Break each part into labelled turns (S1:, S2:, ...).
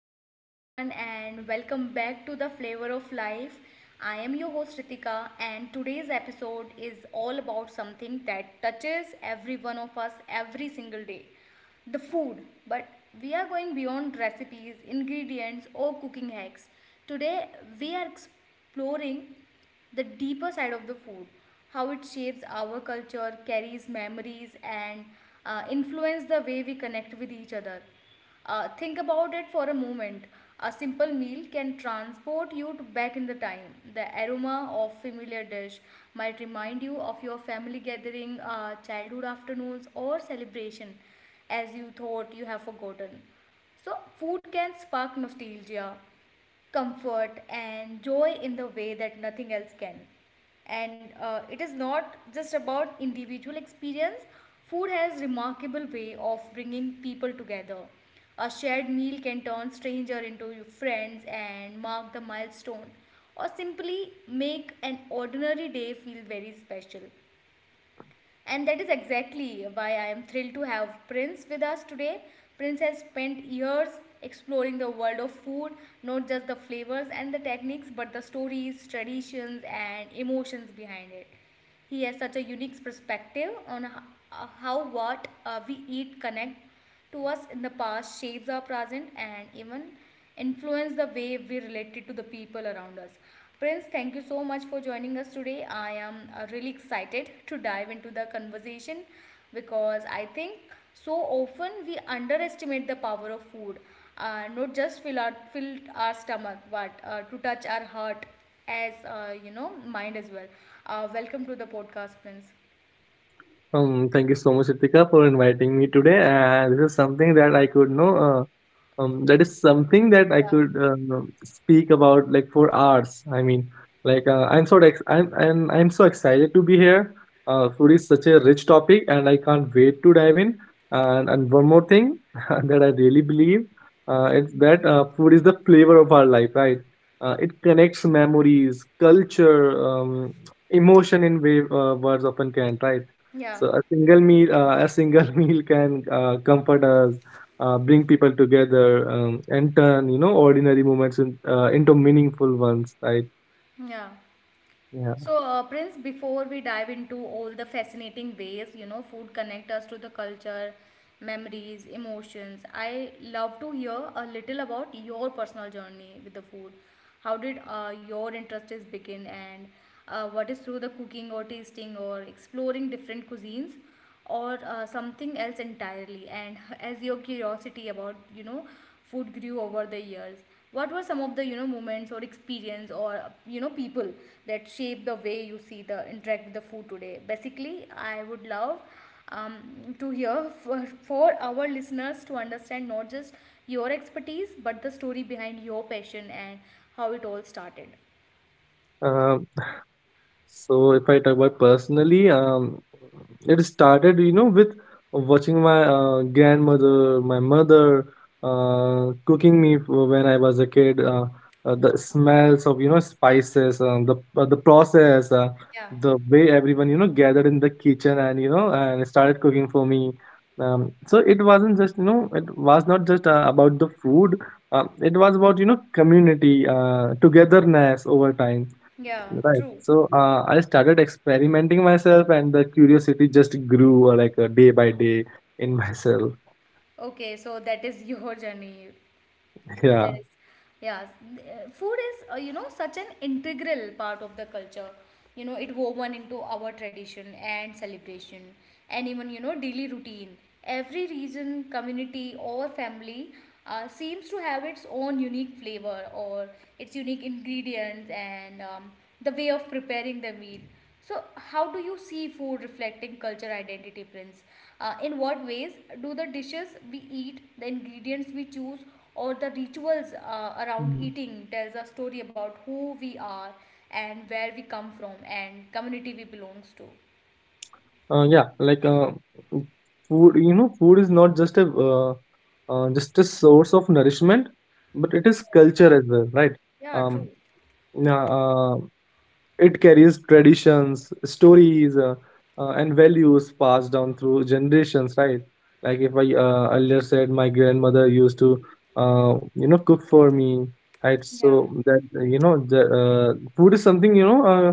S1: hello everyone and welcome back to the Flavor of Life. I am your host Ritika and today's episode is all about something that touches every one of us every single day. The food, but we are going beyond recipes, ingredients or cooking hacks. Today we are exploring the deeper side of the food, how it shapes our culture, carries memories, and influence the way we connect with each other. Think about it for a moment. A simple meal can transport you to back in the time. The aroma of familiar dish might remind you of your family gathering, childhood afternoons, or celebration, as you thought you have forgotten. So, food can spark nostalgia, comfort and joy in the way that nothing else can. And it is not just about individual experience. Food has remarkable way of bringing people together. A shared meal can turn stranger into friends and mark the milestone or simply make an ordinary day feel very special. And that is exactly why I am thrilled to have Prince with us today. Prince has spent years exploring the world of food, not just the flavors and the techniques, but the stories, traditions, and emotions behind it. He has such a unique perspective on how what we eat connect to us in the past shapes our present and even influence the way we related to the people around us. Prince, thank you so much for joining us today. I am really excited to dive into the conversation because I think so often we underestimate the power of food, not just fill our stomach, but to touch our heart as you know mind as well. Welcome to the podcast, Prince.
S2: Thank you so much, Ritika, for inviting me today. And this is something that I could know. That is something that I
S1: Yeah,
S2: could speak about like for hours. I mean, I'm so ex I'm and I'm so excited to be here. Food is such a rich topic, and I can't wait to dive in. And one more thing that I really believe, it's that food is the flavor of our life, right? It connects memories, culture, emotion in way words often can't, right?
S1: yeah,
S2: So a single meal, a single meal can comfort us, bring people together, and turn ordinary moments into meaningful ones, right?
S1: yeah.
S2: yeah
S1: So, Prince, before we dive into all the fascinating ways, you know, food connect us to the culture, memories, emotions, I love to hear a little about your personal journey with the food. How did your interests begin and what is through the cooking or tasting or exploring different cuisines? Or something else entirely and as your curiosity about, you know, food grew over the years, what were some of the, you know, moments or experience or, you know, people that shape the way you see the interact with the food today? Basically, I would love to hear for our listeners to understand not just your expertise but the story behind your passion and how it all started.
S2: Um So if I talk about personally, it started, you know, with watching my grandmother, my mother when I was a kid. The smells of, you know, spices, uh, the process,
S1: Yeah,
S2: the way everyone, you know, gathered in the kitchen and, you know, and started cooking for me. So it wasn't just, you know, it was not just about the food. It was about, you know, community, togetherness over time.
S1: yeah,
S2: Right.
S1: true.
S2: So I started experimenting myself, and the curiosity just grew day by day in myself.
S1: Okay, so that is your journey.
S2: Yeah.
S1: There is, yes, food is, you know, such an integral part of the culture. You know, it woven into our tradition and celebration, and even, you know, daily routine. Every region, community, or family seems to have its own unique flavor or its unique ingredients and, the way of preparing the meal. So, how do you see food reflecting culture identity, Prince? In what ways do the dishes we eat, the ingredients we choose, or the rituals around
S2: Mhm.
S1: eating tells a story about who we are and where we come from and community we belongs to?
S2: Yeah. Food, you know, food is not just a source of nourishment, but it is culture as well, right?
S1: Yeah,
S2: Um.
S1: true.
S2: Yeah. It carries traditions, stories, and values passed down through generations, right? Like if I earlier said, my grandmother used to, you know, cook for me, right? So
S1: Yeah,
S2: that, you know, the food is something, you know,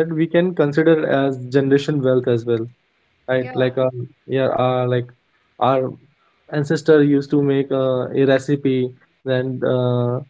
S2: that we can consider as generation wealth as well, right?
S1: yeah,
S2: Yeah, uh, like our ancestor used to make a recipe, then.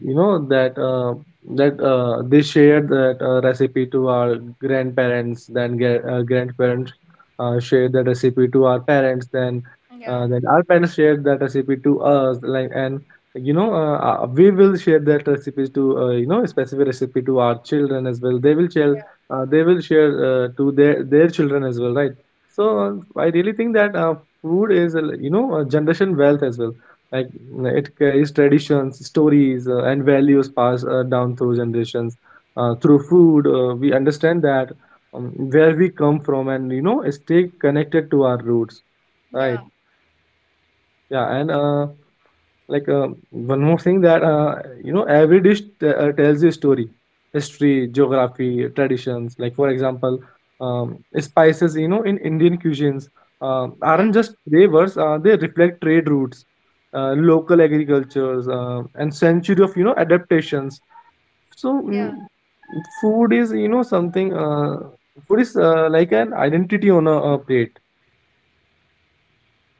S2: You know that they shared that recipe to our grandparents, then grandparents shared that recipe to our parents,
S1: yeah,
S2: then our parents shared that recipe to us, like, and, you know, we will share that recipes to, you know, a specific recipe to our children as well, they will share,
S1: yeah,
S2: to their children as well, right? So I really think that food is a, you know, a generation wealth as well, like, it carries traditions, stories, and values passed down through generations. Through food, we understand that, um, where we come from, and, you know, stay connected to our roots. Right?
S1: yeah,
S2: Yeah, and one more thing that, you know, every dish tells a story, history, geography, traditions. Like, for example, spices, you know, in Indian cuisines
S1: yeah,
S2: aren't just flavors, they reflect trade routes, local agricultures, and century of, you know, adaptations. so mm,
S1: yeah,
S2: food is, you know, something, food is like an identity on a plate.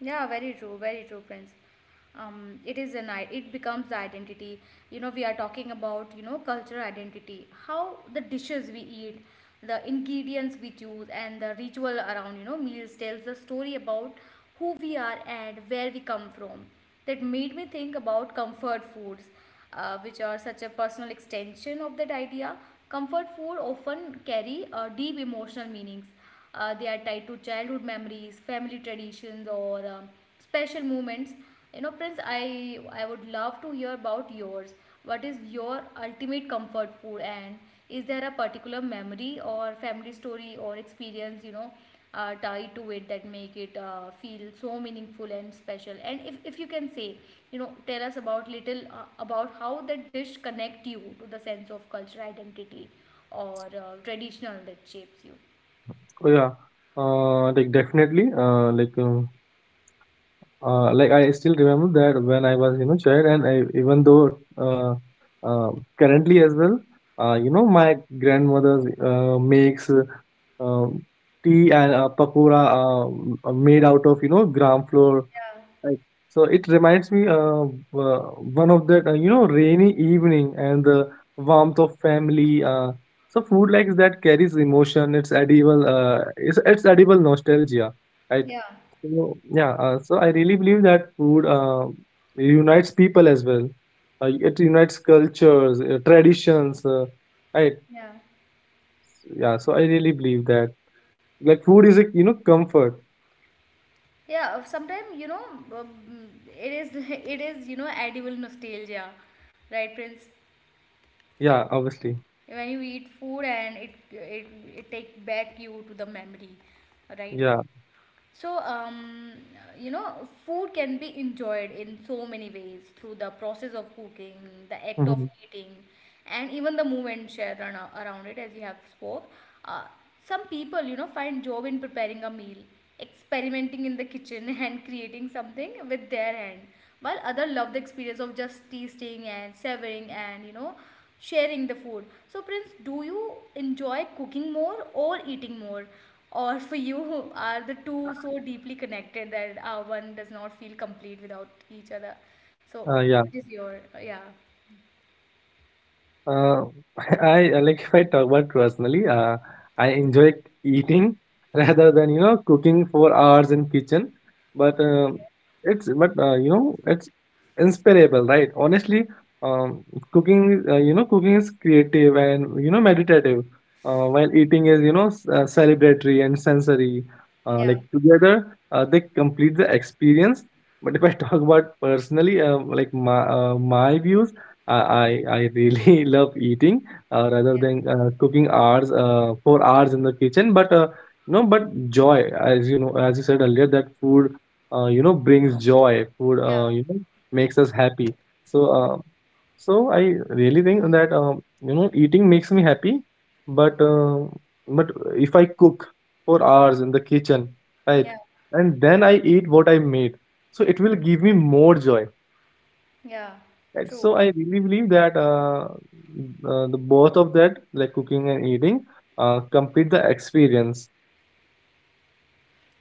S1: yeah. Very true. Very true, Prince. It is an, it becomes identity. You know, we are talking about, you know, cultural identity, how the dishes we eat, the ingredients we choose and the ritual around, you know, meals tells the story about who we are and where we come from. That made me think about comfort foods, which are such a personal extension of that idea. Comfort food often carry deep emotional meanings. They are tied to childhood memories, family traditions, or special moments. You know, Prince, I would love to hear about yours. What is your ultimate comfort food and is there a particular memory or family story or experience, you know, tied to it that make it feel so meaningful and special? And if you can say, you know, tell us about little about how that dish connect you to the sense of cultural identity or traditional that shapes you.
S2: Oh yeah. Like definitely, I still remember that when I was, you know, child, and I, even though uh, currently as well, you know, my grandmother makes, um, tea and pakora, made out of, you know, gram flour,
S1: Yeah,
S2: right? So it reminds me uh, one of that, you know, rainy evening and the warmth of family. So food like that carries emotion. It's it's edible nostalgia, right?
S1: yeah,
S2: So, yeah, so I really believe that food unites people as well. It unites cultures, traditions, right?
S1: yeah.
S2: Yeah, so I really believe that, like, food is a, you know, comfort.
S1: Yeah, sometimes, you know, um, it is it is, you know, edible nostalgia, right, Prince?
S2: Yeah, obviously.
S1: When you eat food and it take back you to the memory, right?
S2: Yeah.
S1: So, you know, food can be enjoyed in so many ways through the process of cooking, the act of
S2: Hmm.
S1: eating and even the movement share around it as you have spoke. uh, some people, you know, find joy in preparing a meal, experimenting in the kitchen and creating something with their hand, while others love the experience of just tasting and savoring and, you know, sharing the food. So, Prince, do you enjoy cooking more or eating more? Or for you, are the two so deeply connected that one does not feel complete without each other? So,
S2: Yeah.
S1: what is your, yeah,
S2: Uh, I like if I talk about personally, I enjoy eating rather than, you know, cooking for hours in kitchen. But um but you know, it's inspirable, right? Honestly, um, cooking, you know, cooking is creative and, you know, meditative, while eating is, you know, celebratory and sensory.
S1: yeah,
S2: Like, together, they complete the experience. But if I talk about personally, like my views. I I I really love eating rather
S1: yeah,
S2: than cooking hours for hours in the kitchen. But you know, but joy, as you know, as you said earlier, that food, you know, brings joy. Food,
S1: yeah,
S2: you know, makes us happy. So so I really think that, you know, eating makes me happy. But uh, but if I cook for hours in the kitchen, right,
S1: yeah,
S2: and then I eat what I made, so it will give me more joy,
S1: yeah,
S2: and
S1: true.
S2: so I really believe that the both of that, like cooking and eating, complete the experience.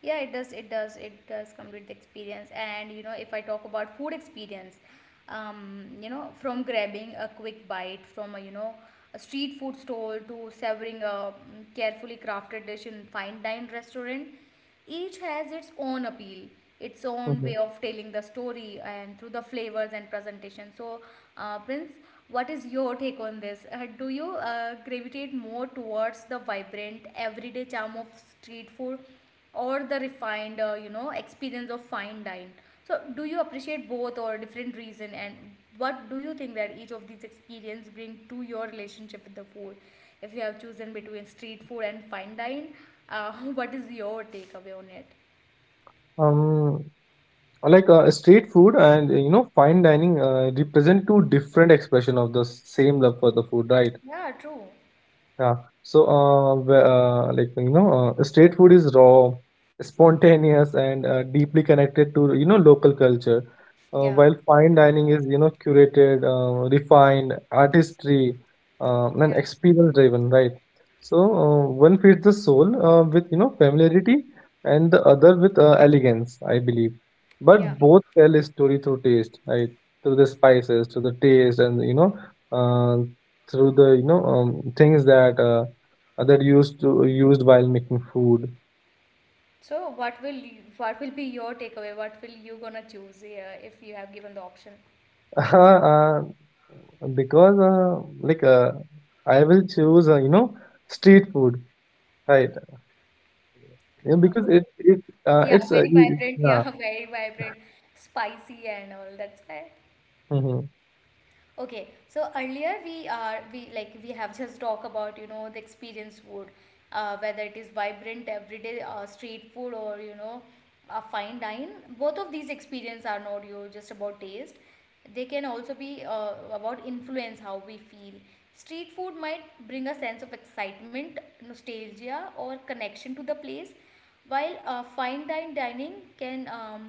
S1: Yeah, it does. It does. It does complete the experience. And, you know, if I talk about food experience, you know, from grabbing a quick bite from a, you know, a street food stall to savoring a, carefully crafted dish in fine dine restaurant, each has its own appeal, its own
S2: Mhm.
S1: way of telling the story, and through the flavors and presentation. So, Prince, what is your take on this? Do you gravitate more towards the vibrant everyday charm of street food or the refined, you know, experience of fine dine? So do you appreciate both or different reason, and what do you think that each of these experience bring to your relationship with the food? If you have chosen between street food and fine dine, uh, what is your takeaway on it?
S2: Um, Street food and, you know, fine dining represent two different expression of the same love for the food, right?
S1: Yeah, true.
S2: Yeah. So, like, you know, street food is raw, spontaneous, and deeply connected to, you know, local culture.
S1: Yeah,
S2: While fine dining is, you know, curated, refined, artistry, and
S1: yeah,
S2: experience driven, right? So one feeds the soul with, you know, familiarity, and the other with elegance, I believe.
S1: yeah.
S2: But both tell a story through taste, right? Through the spices, through the taste, and you know. Uh, Through the, you know, things that that used to used while making food.
S1: So what will you, what will be your takeaway, what will you gonna choose here if you have given the option?
S2: uh, because I will choose, you know, street food, right? Yeah, because it
S1: Okay.
S2: it
S1: Yeah,
S2: it's
S1: very
S2: e- e-
S1: vibrant.
S2: yeah.
S1: Yeah, very vibrant, spicy and all, that's why.
S2: Hmm.
S1: Okay, so earlier we are we like we have just talked about, you know, the experience food, whether it is vibrant everyday street food or, you know, a fine dine. Both of these experience are not you just about taste. They can also be about influence how we feel. Street food might bring a sense of excitement, nostalgia, or connection to the place, while fine dine dining can,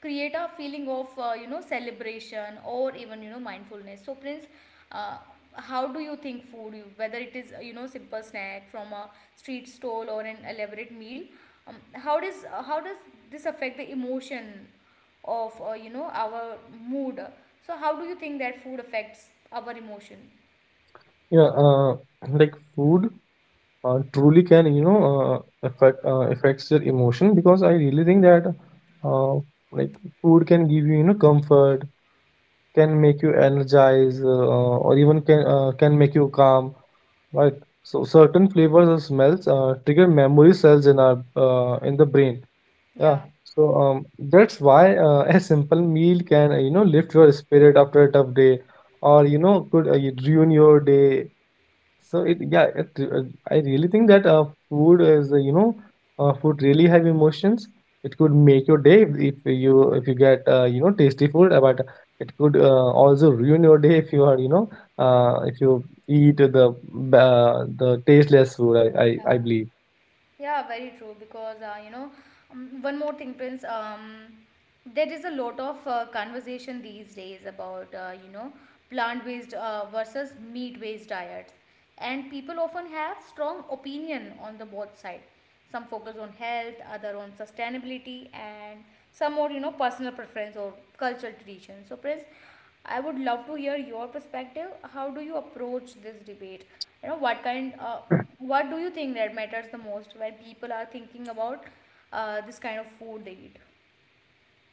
S1: create a feeling of, you know, celebration or even, you know, mindfulness. So Prince, uh, how do you think food, whether it is, you know, simple snack from a street stall or an elaborate meal, um, how does how does this affect the emotion of, you know, our mood? So how do you think that food affects our emotion?
S2: Yeah, like food truly can, you know, affects your emotion, because I really think that uh, like food can give you, you know, comfort, can make you energize, or even can make you calm, right? So certain flavors or smells trigger memory cells in our, in the brain. Yeah.
S1: Yeah.
S2: So, that's why a simple meal can, you know, lift your spirit after a tough day, or you know, could ruin your day. So it, I really think that food is, you know, food really have emotions. It could make your day if you, if you get, you know, tasty food, but it could, also ruin your day if you are, you know, if you eat the the tasteless food.
S1: Yeah.
S2: I believe.
S1: Yeah, very true. Because, you know, one more thing, Prince. There is a lot of conversation these days about, you know, plant-based versus meat-based diets, and people often have strong opinion on the both side, some focus on health, other on sustainability and some more, you know, personal preference or cultural tradition. So Prince, I would love to hear your perspective. How do you approach this debate? You know, what kind what do you think that matters the most when people are thinking about this kind of food they eat?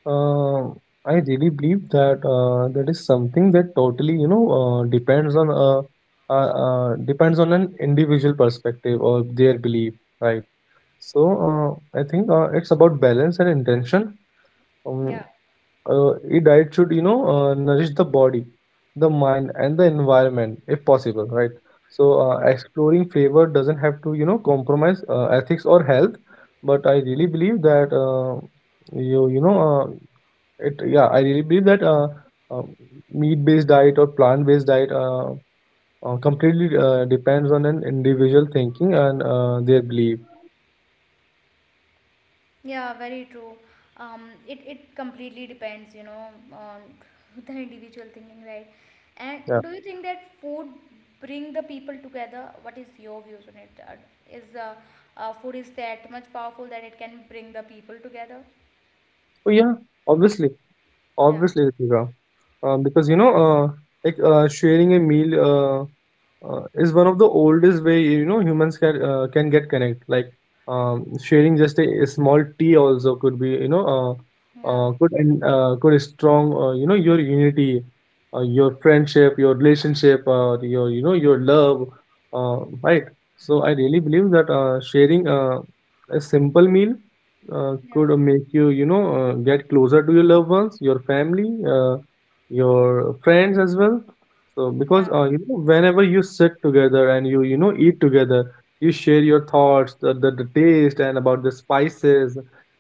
S2: Uh, I really believe that that is something that totally, you know, depends on an individual perspective or their belief, right? So I think it's about balance and intention. Um,
S1: Yeah.
S2: a diet should, you know, nourish the body, the mind, and the environment if possible, right? So exploring flavor doesn't have to, you know, compromise ethics or health. But I really believe that you, you know, it. Yeah, I really believe that uh, meat-based diet or plant-based diet completely depends on an individual thinking and their belief.
S1: Yeah, very true. It, it completely depends, you know, on the individual thinking, right? And
S2: Yeah.
S1: do you think that food bring the people together? What is your views on it? Is food is that much powerful that it can bring the people together?
S2: So yeah, obviously.
S1: Yeah,
S2: Obviously, Ritika. Because you know, sharing a meal is one of the oldest way, you know, humans can, can get connect. Like, sharing just a small tea also could be, you know,
S1: yeah,
S2: could strong, you know, your unity, your friendship, your relationship, your, you know, your love, right? So I really believe that sharing a simple meal
S1: yeah,
S2: could make you, you know, get closer to your loved ones, your family, your friends as well. So because,
S1: yeah,
S2: you know, whenever you sit together and you know, eat together, you share your thoughts, the taste, and about the spices,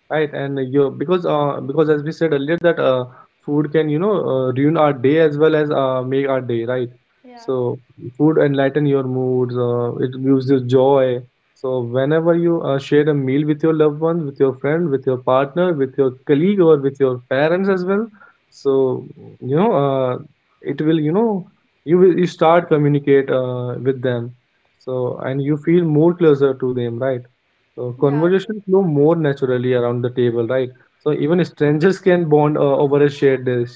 S2: right? And you, because, because, as we said earlier, that food can, you know, ruin our day as well as, make our day, right?
S1: yeah,
S2: So food enlighten your moods. It gives you joy. So whenever you share a meal with your loved one, with your friend, with your partner, with your colleague, or with your parents as well, so, you know, it will, you know, you will you start communicate, with them. So, and you feel more closer to them, right? So
S1: yeah, true.
S2: conversation flow more naturally around the table, right? So even strangers can bond over a shared dish.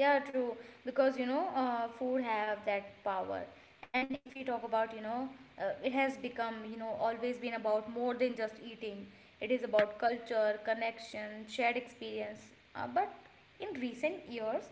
S1: Yeah, true. Because, you know, food have that power. And if we talk about, you know, it has become, you know, always been about more than just eating. It is about culture, connection, shared experience. But in recent years,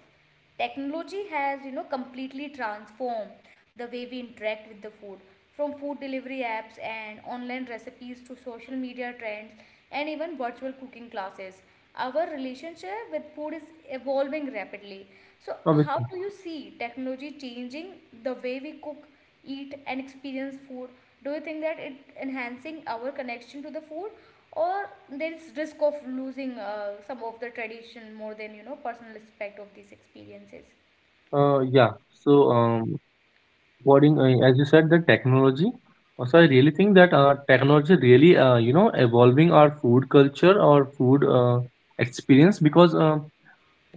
S1: technology has, you know, completely transformed the way we interact with the food. From food delivery apps and online recipes to social media trends and even virtual cooking classes, our relationship with food is evolving rapidly. So, how
S2: Obviously.
S1: do you see technology changing the way we cook, eat, and experience food? Do you think that it enhancing our connection to the food, or there is risk of losing some of the tradition more than personal aspect of these experiences?
S2: Yeah. So, according, as you said, the technology. Also, I really think that technology really, evolving our food culture, our food experience, because uh,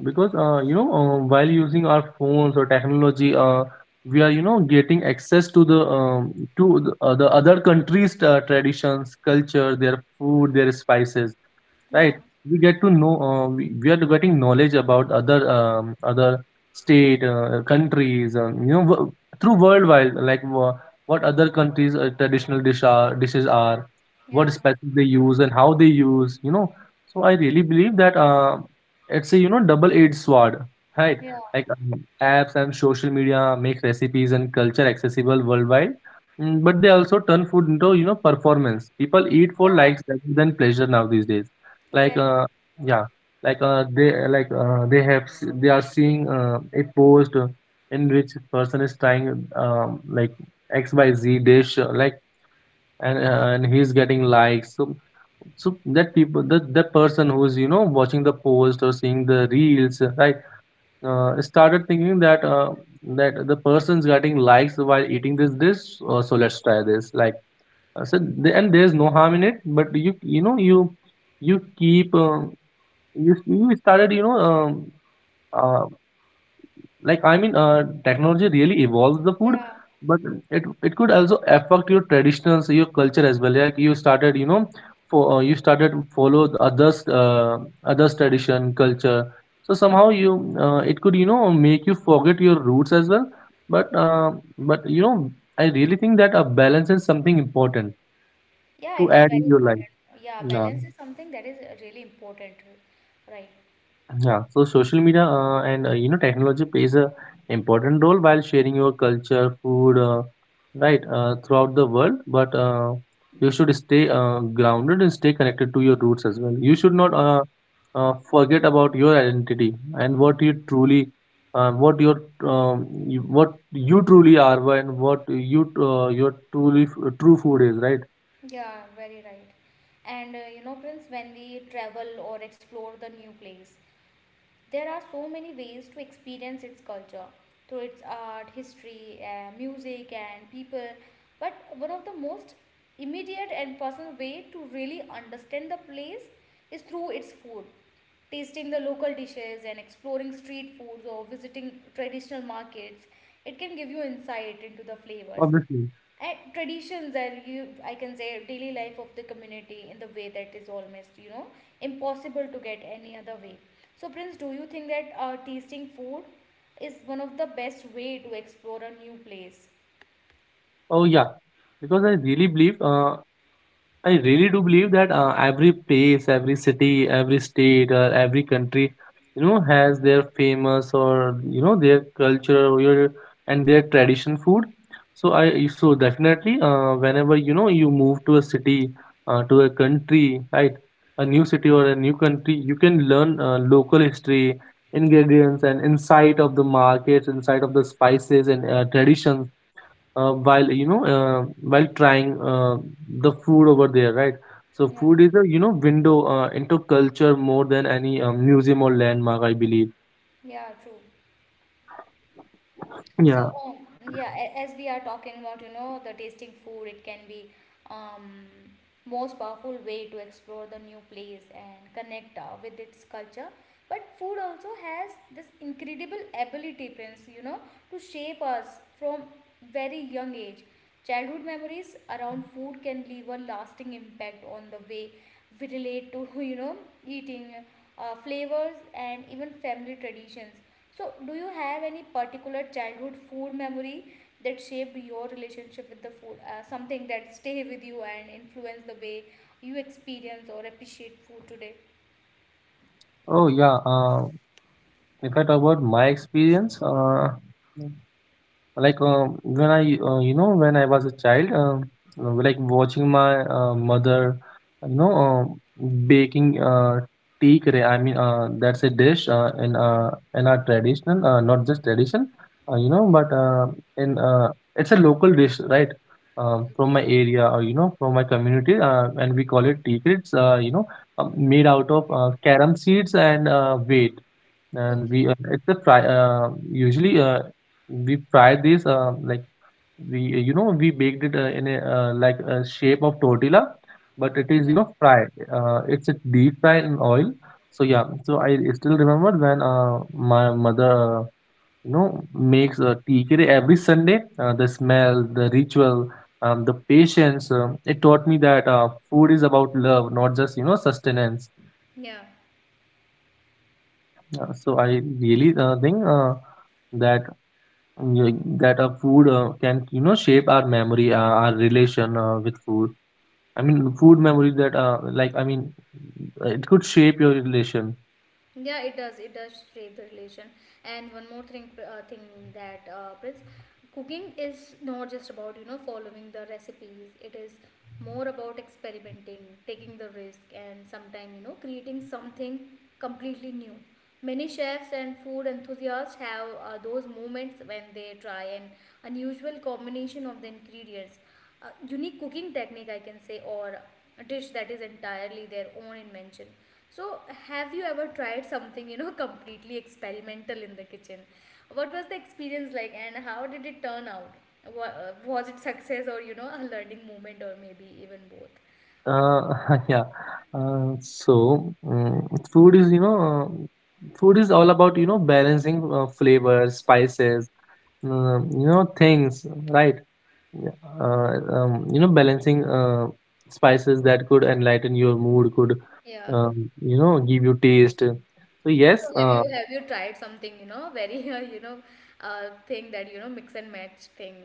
S2: because uh, you know, uh, while using our phones or technology, we are getting access to the, the other countries' traditions, culture, their food, their spices,
S1: Yeah,
S2: right? We get to know. We are getting knowledge about other, other state, countries. Through worldwide, like, what other countries' traditional dish are, dishes are,
S1: yeah,
S2: what spices they use, and how they use. So I really believe that. It's a double-edged sword, right?
S1: yeah,
S2: Like, apps and social media make recipes and culture accessible worldwide, but they also turn food into, performance. People eat for
S1: yeah,
S2: likes rather than pleasure now these days. Like,
S1: exactly,
S2: yeah, like, they have— they are seeing a post, in which person is trying, like XYZ dish, and he's getting likes, so that people— that person who's watching the post or seeing the reels, right, started thinking that, the person's getting likes while eating this dish, so let's try this, like, so the— and there's no harm in it, but you— you know you you keep— you— you started you know uh, like, I mean, technology really evolves the food,
S1: yeah,
S2: but it it could also affect your traditions, your culture, as well. Like, you started, you know for you started to follow the others— others tradition culture, so somehow you— it could, make you forget your roots as well, but, but you know I really think that a balance is something important
S1: yeah,
S2: to
S1: it is
S2: add in
S1: very
S2: your life.
S1: important. Yeah,
S2: Yeah.
S1: balance is something that is really important, right?
S2: Yeah, so social media, and, technology plays a important role while sharing your culture, food, right, throughout the world. But, you should stay, grounded and stay connected to your roots as well. You should not,
S1: Yeah,
S2: forget about your identity and what you truly— what your, what you truly are, and what you— your truly true food is, right?
S1: yeah, very right. And you know, Prince, when we travel or explore the new place, there are so many ways to experience its culture through its art, history, music, and people. But one of the most immediate and personal way to really understand the place is through its food. Tasting the local dishes and exploring street foods or visiting traditional markets, it can give you insight into the flavors
S2: Obviously.
S1: and traditions are you, I can say, daily life of the community in the way that is almost, impossible to get any other way. So Prince, do you think that tasting food is one of the best way to explore a new place?
S2: Oh yeah, because I really believe. I really do believe that every place, every city, every state, or every country, you know, has their famous, or their culture, or your— and their tradition food. So definitely, whenever you move to a city, to a country, right, a new city or a new country, you can learn local history, ingredients, and insight of the markets, insight of the spices and, traditions, while you know while trying the food over there, right? So
S1: Yeah,
S2: food is a, window, into culture more than any, museum or landmark, I believe.
S1: yeah, true.
S2: Yeah.
S1: So, yeah, as we are talking about, you know, the tasting food, it can be um, most powerful way to explore the new place and connect with its culture. But food also has this incredible ability, Prince, you know, to shape us from very young age. Childhood memories around food can leave a lasting impact on the way we relate to, you know, eating, flavors, and even family traditions. So, do you have any particular childhood food memory that shaped your relationship with the food? Something that stay with you and influence the way you experience or appreciate food today?
S2: Oh yeah, if I talk about my experience, like, when I was a child, like watching my, mother, you know, baking, tikre. I mean, that's a dish, in our traditional— not just tradition, but, in it's a local dish, right? From
S1: Okay.
S2: my area, or, from my community, and we call it tikre. It's, made out of
S1: Okay.
S2: carom seeds and wheat, and
S1: Okay.
S2: we it's a fry, usually, we fry this, we you know we baked it, in a— like a shape of tortilla, but it is
S1: Yeah.
S2: fried. It's a deep fry in oil. So yeah,
S1: Okay.
S2: I still remember when, my mother, makes a tea curry every Sunday. The smell, the ritual, the patience, it taught me that, food is about love, not just, sustenance.
S1: Yeah.
S2: So I really, think, that Yeah, that a food, can, shape our memory, our relation, with food. I mean, food memory that, like I mean, it could shape your relation.
S1: Yeah, it does, it does shape the relation. And one more thing, that Prince, cooking is not just about, you know, following the recipes. It is more about experimenting, taking the risk, and sometimes, you know, creating something completely new. Many chefs and food enthusiasts have those moments when they try an unusual combination of the ingredients, a unique cooking technique, I can say, or a dish that is entirely their own invention. So, have you ever tried something, you know, completely experimental in the kitchen? What was the experience like and how did it turn out? Was it success, or you know, a learning moment, or maybe even both?
S2: Uh, yeah. Food is, food is all about, balancing flavors, spices, things, right? Yeah. Uh, Balancing spices that could enlighten your mood, could,
S1: Yeah,
S2: give you taste. So
S1: so
S2: yes.
S1: have you, have you tried something, you know, very thing that you know, mix and match thing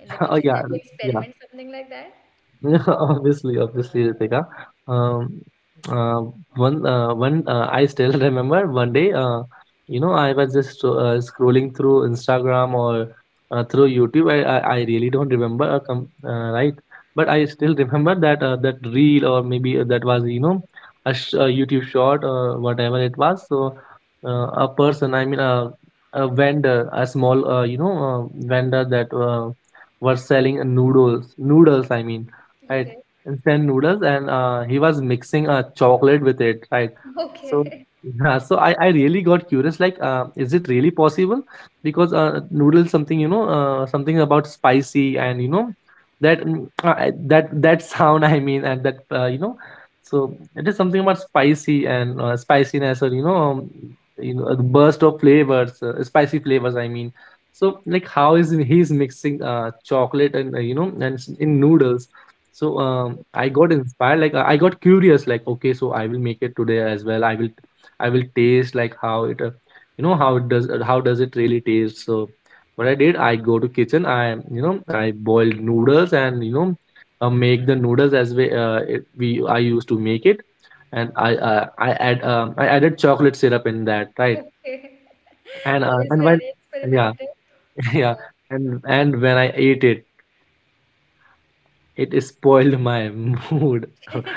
S1: in the
S2: Oh,
S1: kitchen?
S2: yeah,
S1: Have you
S2: yeah.
S1: experimented something like that?
S2: Obviously, obviously, Ritika. Um, uh, One. I still remember one day. I was just scrolling through Instagram, or, through YouTube. I really don't remember. Com Right, but I still remember that, that reel— or maybe that was a YouTube short, or whatever it was. So, a person— I mean a vendor, a small, vendor that, were selling noodles, noodles. I mean. Right.
S1: Okay.
S2: Instant noodles, and he was mixing chocolate with it, right? So
S1: Okay.
S2: yeah, I really got curious, like, is it really possible? Because, noodles, something, something about spicy, and that, that sound, I mean, and that, so it is something about spicy and, spiciness, or, the burst of flavors, spicy flavors, I mean. So, like, how is he's mixing chocolate and, in noodles. So, I
S1: Okay.
S2: got inspired. Like, I got curious. Like, okay, so I will make it today as well. I will taste, like, how it, how it does, how does it really taste. So what I did, I go to kitchen. I boiled noodles, and, make the noodles as we, I used to make it, and, I added chocolate syrup in that, right.
S1: Okay.
S2: And
S1: That
S2: uh,
S1: is
S2: and while—
S1: very
S2: yeah,
S1: experimental.
S2: yeah,
S1: Yeah.
S2: and when I ate it, it spoiled my mood.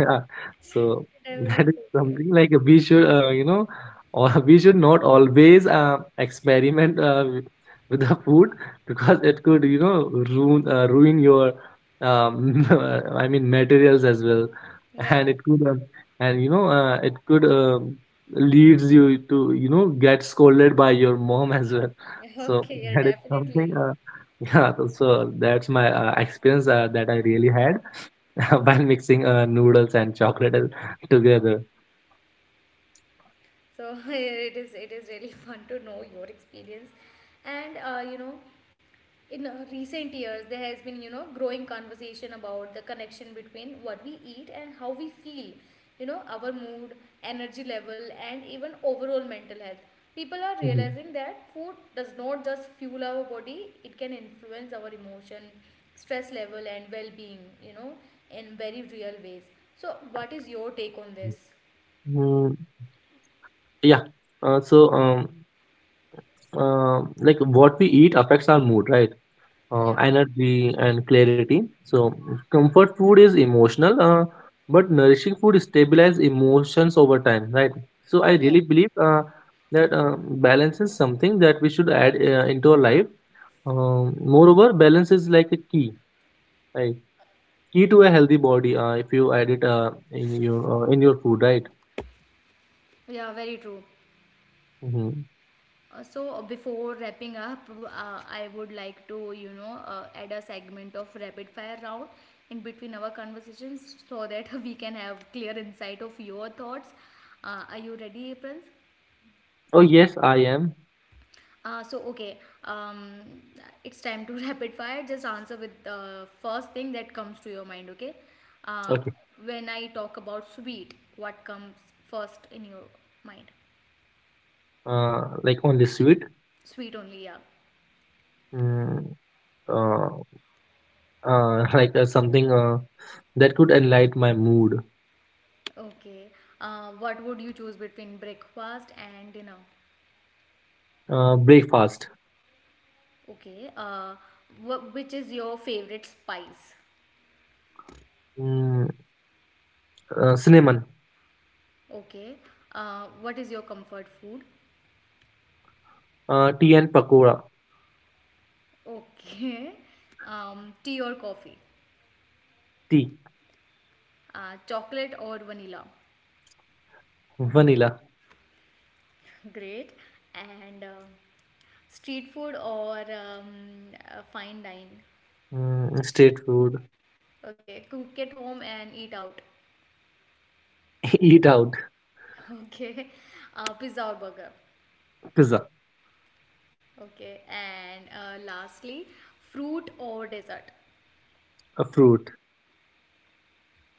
S2: Yeah. So that
S1: Definitely.
S2: is something, like we should, or we should not always experiment, with the food, because it could, you know, ruin ruin your, um, I mean, materials as well,
S1: Yeah.
S2: and it could, and you know, it could, leads you to, you know, get scolded by your mom as well. So
S1: Okay, yeah,
S2: that is something.
S1: definitely.
S2: Yeah, so that's my, experience, that I really had while mixing, noodles and chocolate together.
S1: So, it is, it is really fun to know your experience. And you know, in recent years, there has been, you know, growing conversation about the connection between what we eat and how we feel, you know, our mood, energy level, and even overall mental health. People are
S2: Mhm.
S1: realizing that food does not just fuel our body, it can influence our emotion, stress level, and well-being, you know, in very real ways. So what is your take on this?
S2: Mm, yeah. Uh, so, um, like, what we eat affects our mood, right?
S1: Yeah.
S2: Energy and clarity. So, comfort food is emotional, but nourishing food stabilizes emotions over time, right? So, I
S1: Yeah.
S2: really believe, that, balance is something that we should add, into our life. Moreover, balance is like a key— right, key to a healthy body, if you add it, in your food, right?
S1: Yeah, very true.
S2: Hmm.
S1: So, before wrapping up, I would like to, you know, add a segment of rapid fire round in between our conversations so that we can have clear insight of your thoughts. Are you ready, Prince?
S2: Oh yes, I am.
S1: So, okay, um, it's time to rapid fire. Just answer with the first thing that comes to your mind. Okay. Uh,
S2: Okay.
S1: when I talk about sweet, what comes first in your mind?
S2: Like, only sweet?
S1: Sweet only, yeah.
S2: Mm, uh, like, something, that could enlighten my mood.
S1: Okay. What would you choose between breakfast and dinner?
S2: Breakfast.
S1: Okay. Which is your favorite spice?
S2: Mm, cinnamon.
S1: Okay. What is your comfort food?
S2: Tea and pakora.
S1: Okay. Tea or coffee?
S2: Tea.
S1: Chocolate or vanilla?
S2: Vanilla.
S1: Great. And street food or fine dine?
S2: Mm, street food.
S1: Okay. Cook at home and eat out.
S2: Eat out.
S1: Okay. Pizza or burger?
S2: Pizza.
S1: Okay, and lastly, fruit or dessert?
S2: A fruit.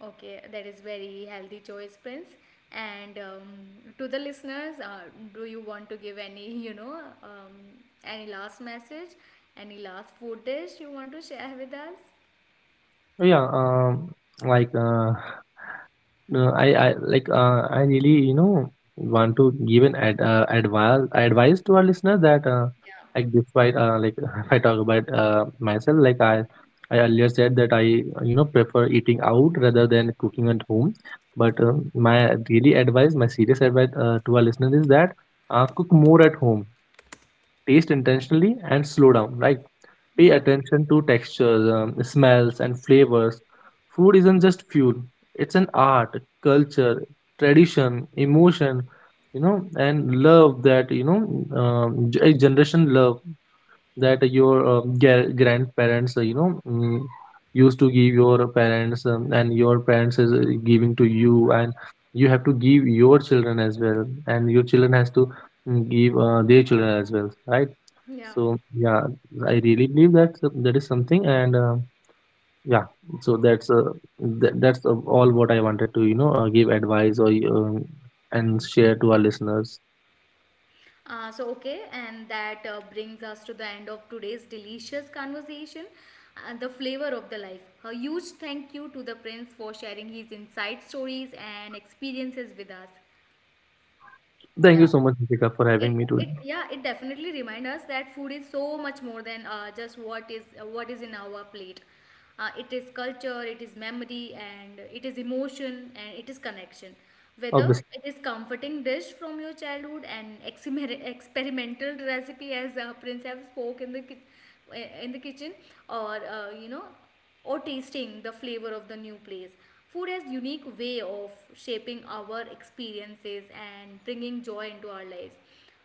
S1: Okay, that is very healthy choice, Prince. And to the listeners, do you want to give any, you know, any last message, any last food dish you want to share with us?
S2: Oh, yeah, like uh, no, I like, I really want to give an, ad, advice advice to our listener that,
S1: Yeah.
S2: like, despite, like, if I talk about, myself, like, I earlier said that I, prefer eating out rather than cooking at home, but, my serious advice, to our listener is that, cook more at home, taste intentionally, and slow down, right? Pay
S1: Yeah,
S2: attention to textures, smells, and flavors. Food isn't just fuel, it's an art, culture, tradition, emotion, you know, and love, that, a generation love, that your, grandparents, used to give your parents, and your parents is, giving to you, and you have to give your children as well, and your children has to, give, their children as well, right?
S1: yeah.
S2: So yeah, I really believe that. So, that is something, and, yeah, so that's uh, that's, all what I wanted to, give advice, or, and share to our listeners.
S1: Okay, and that brings us to the end of today's delicious conversation and the flavor of the life. A huge thank you to the Prince for sharing his inside stories and experiences with us.
S2: Thank
S1: Yeah,
S2: you so much, Nikita, for
S1: it
S2: having me today.
S1: it yeah, it definitely reminds us that food is so much more than just what is in our plate. It is culture, it is memory, and it is emotion, and it is connection. Whether
S2: Obviously,
S1: it is comforting dish from your childhood and experimental recipe as Prince have spoke in the in the kitchen, or you know, or tasting the flavor of the new place. Food has unique way of shaping our experiences and bringing joy into our lives.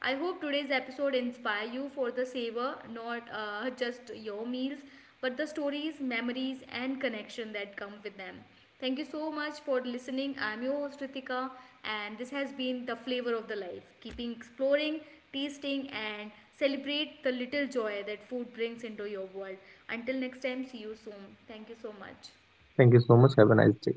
S1: I hope today's episode inspire you for the savor, not just your meals, but the stories, memories, and connection that come with them. Thank you so much for listening. I'm your host, Ritika, and this has been the flavor of the life. Keeping exploring, tasting, and celebrate the little joy that food brings into your world. Until next time, see you soon. Thank you so much.
S2: thank you so much. Have a nice day.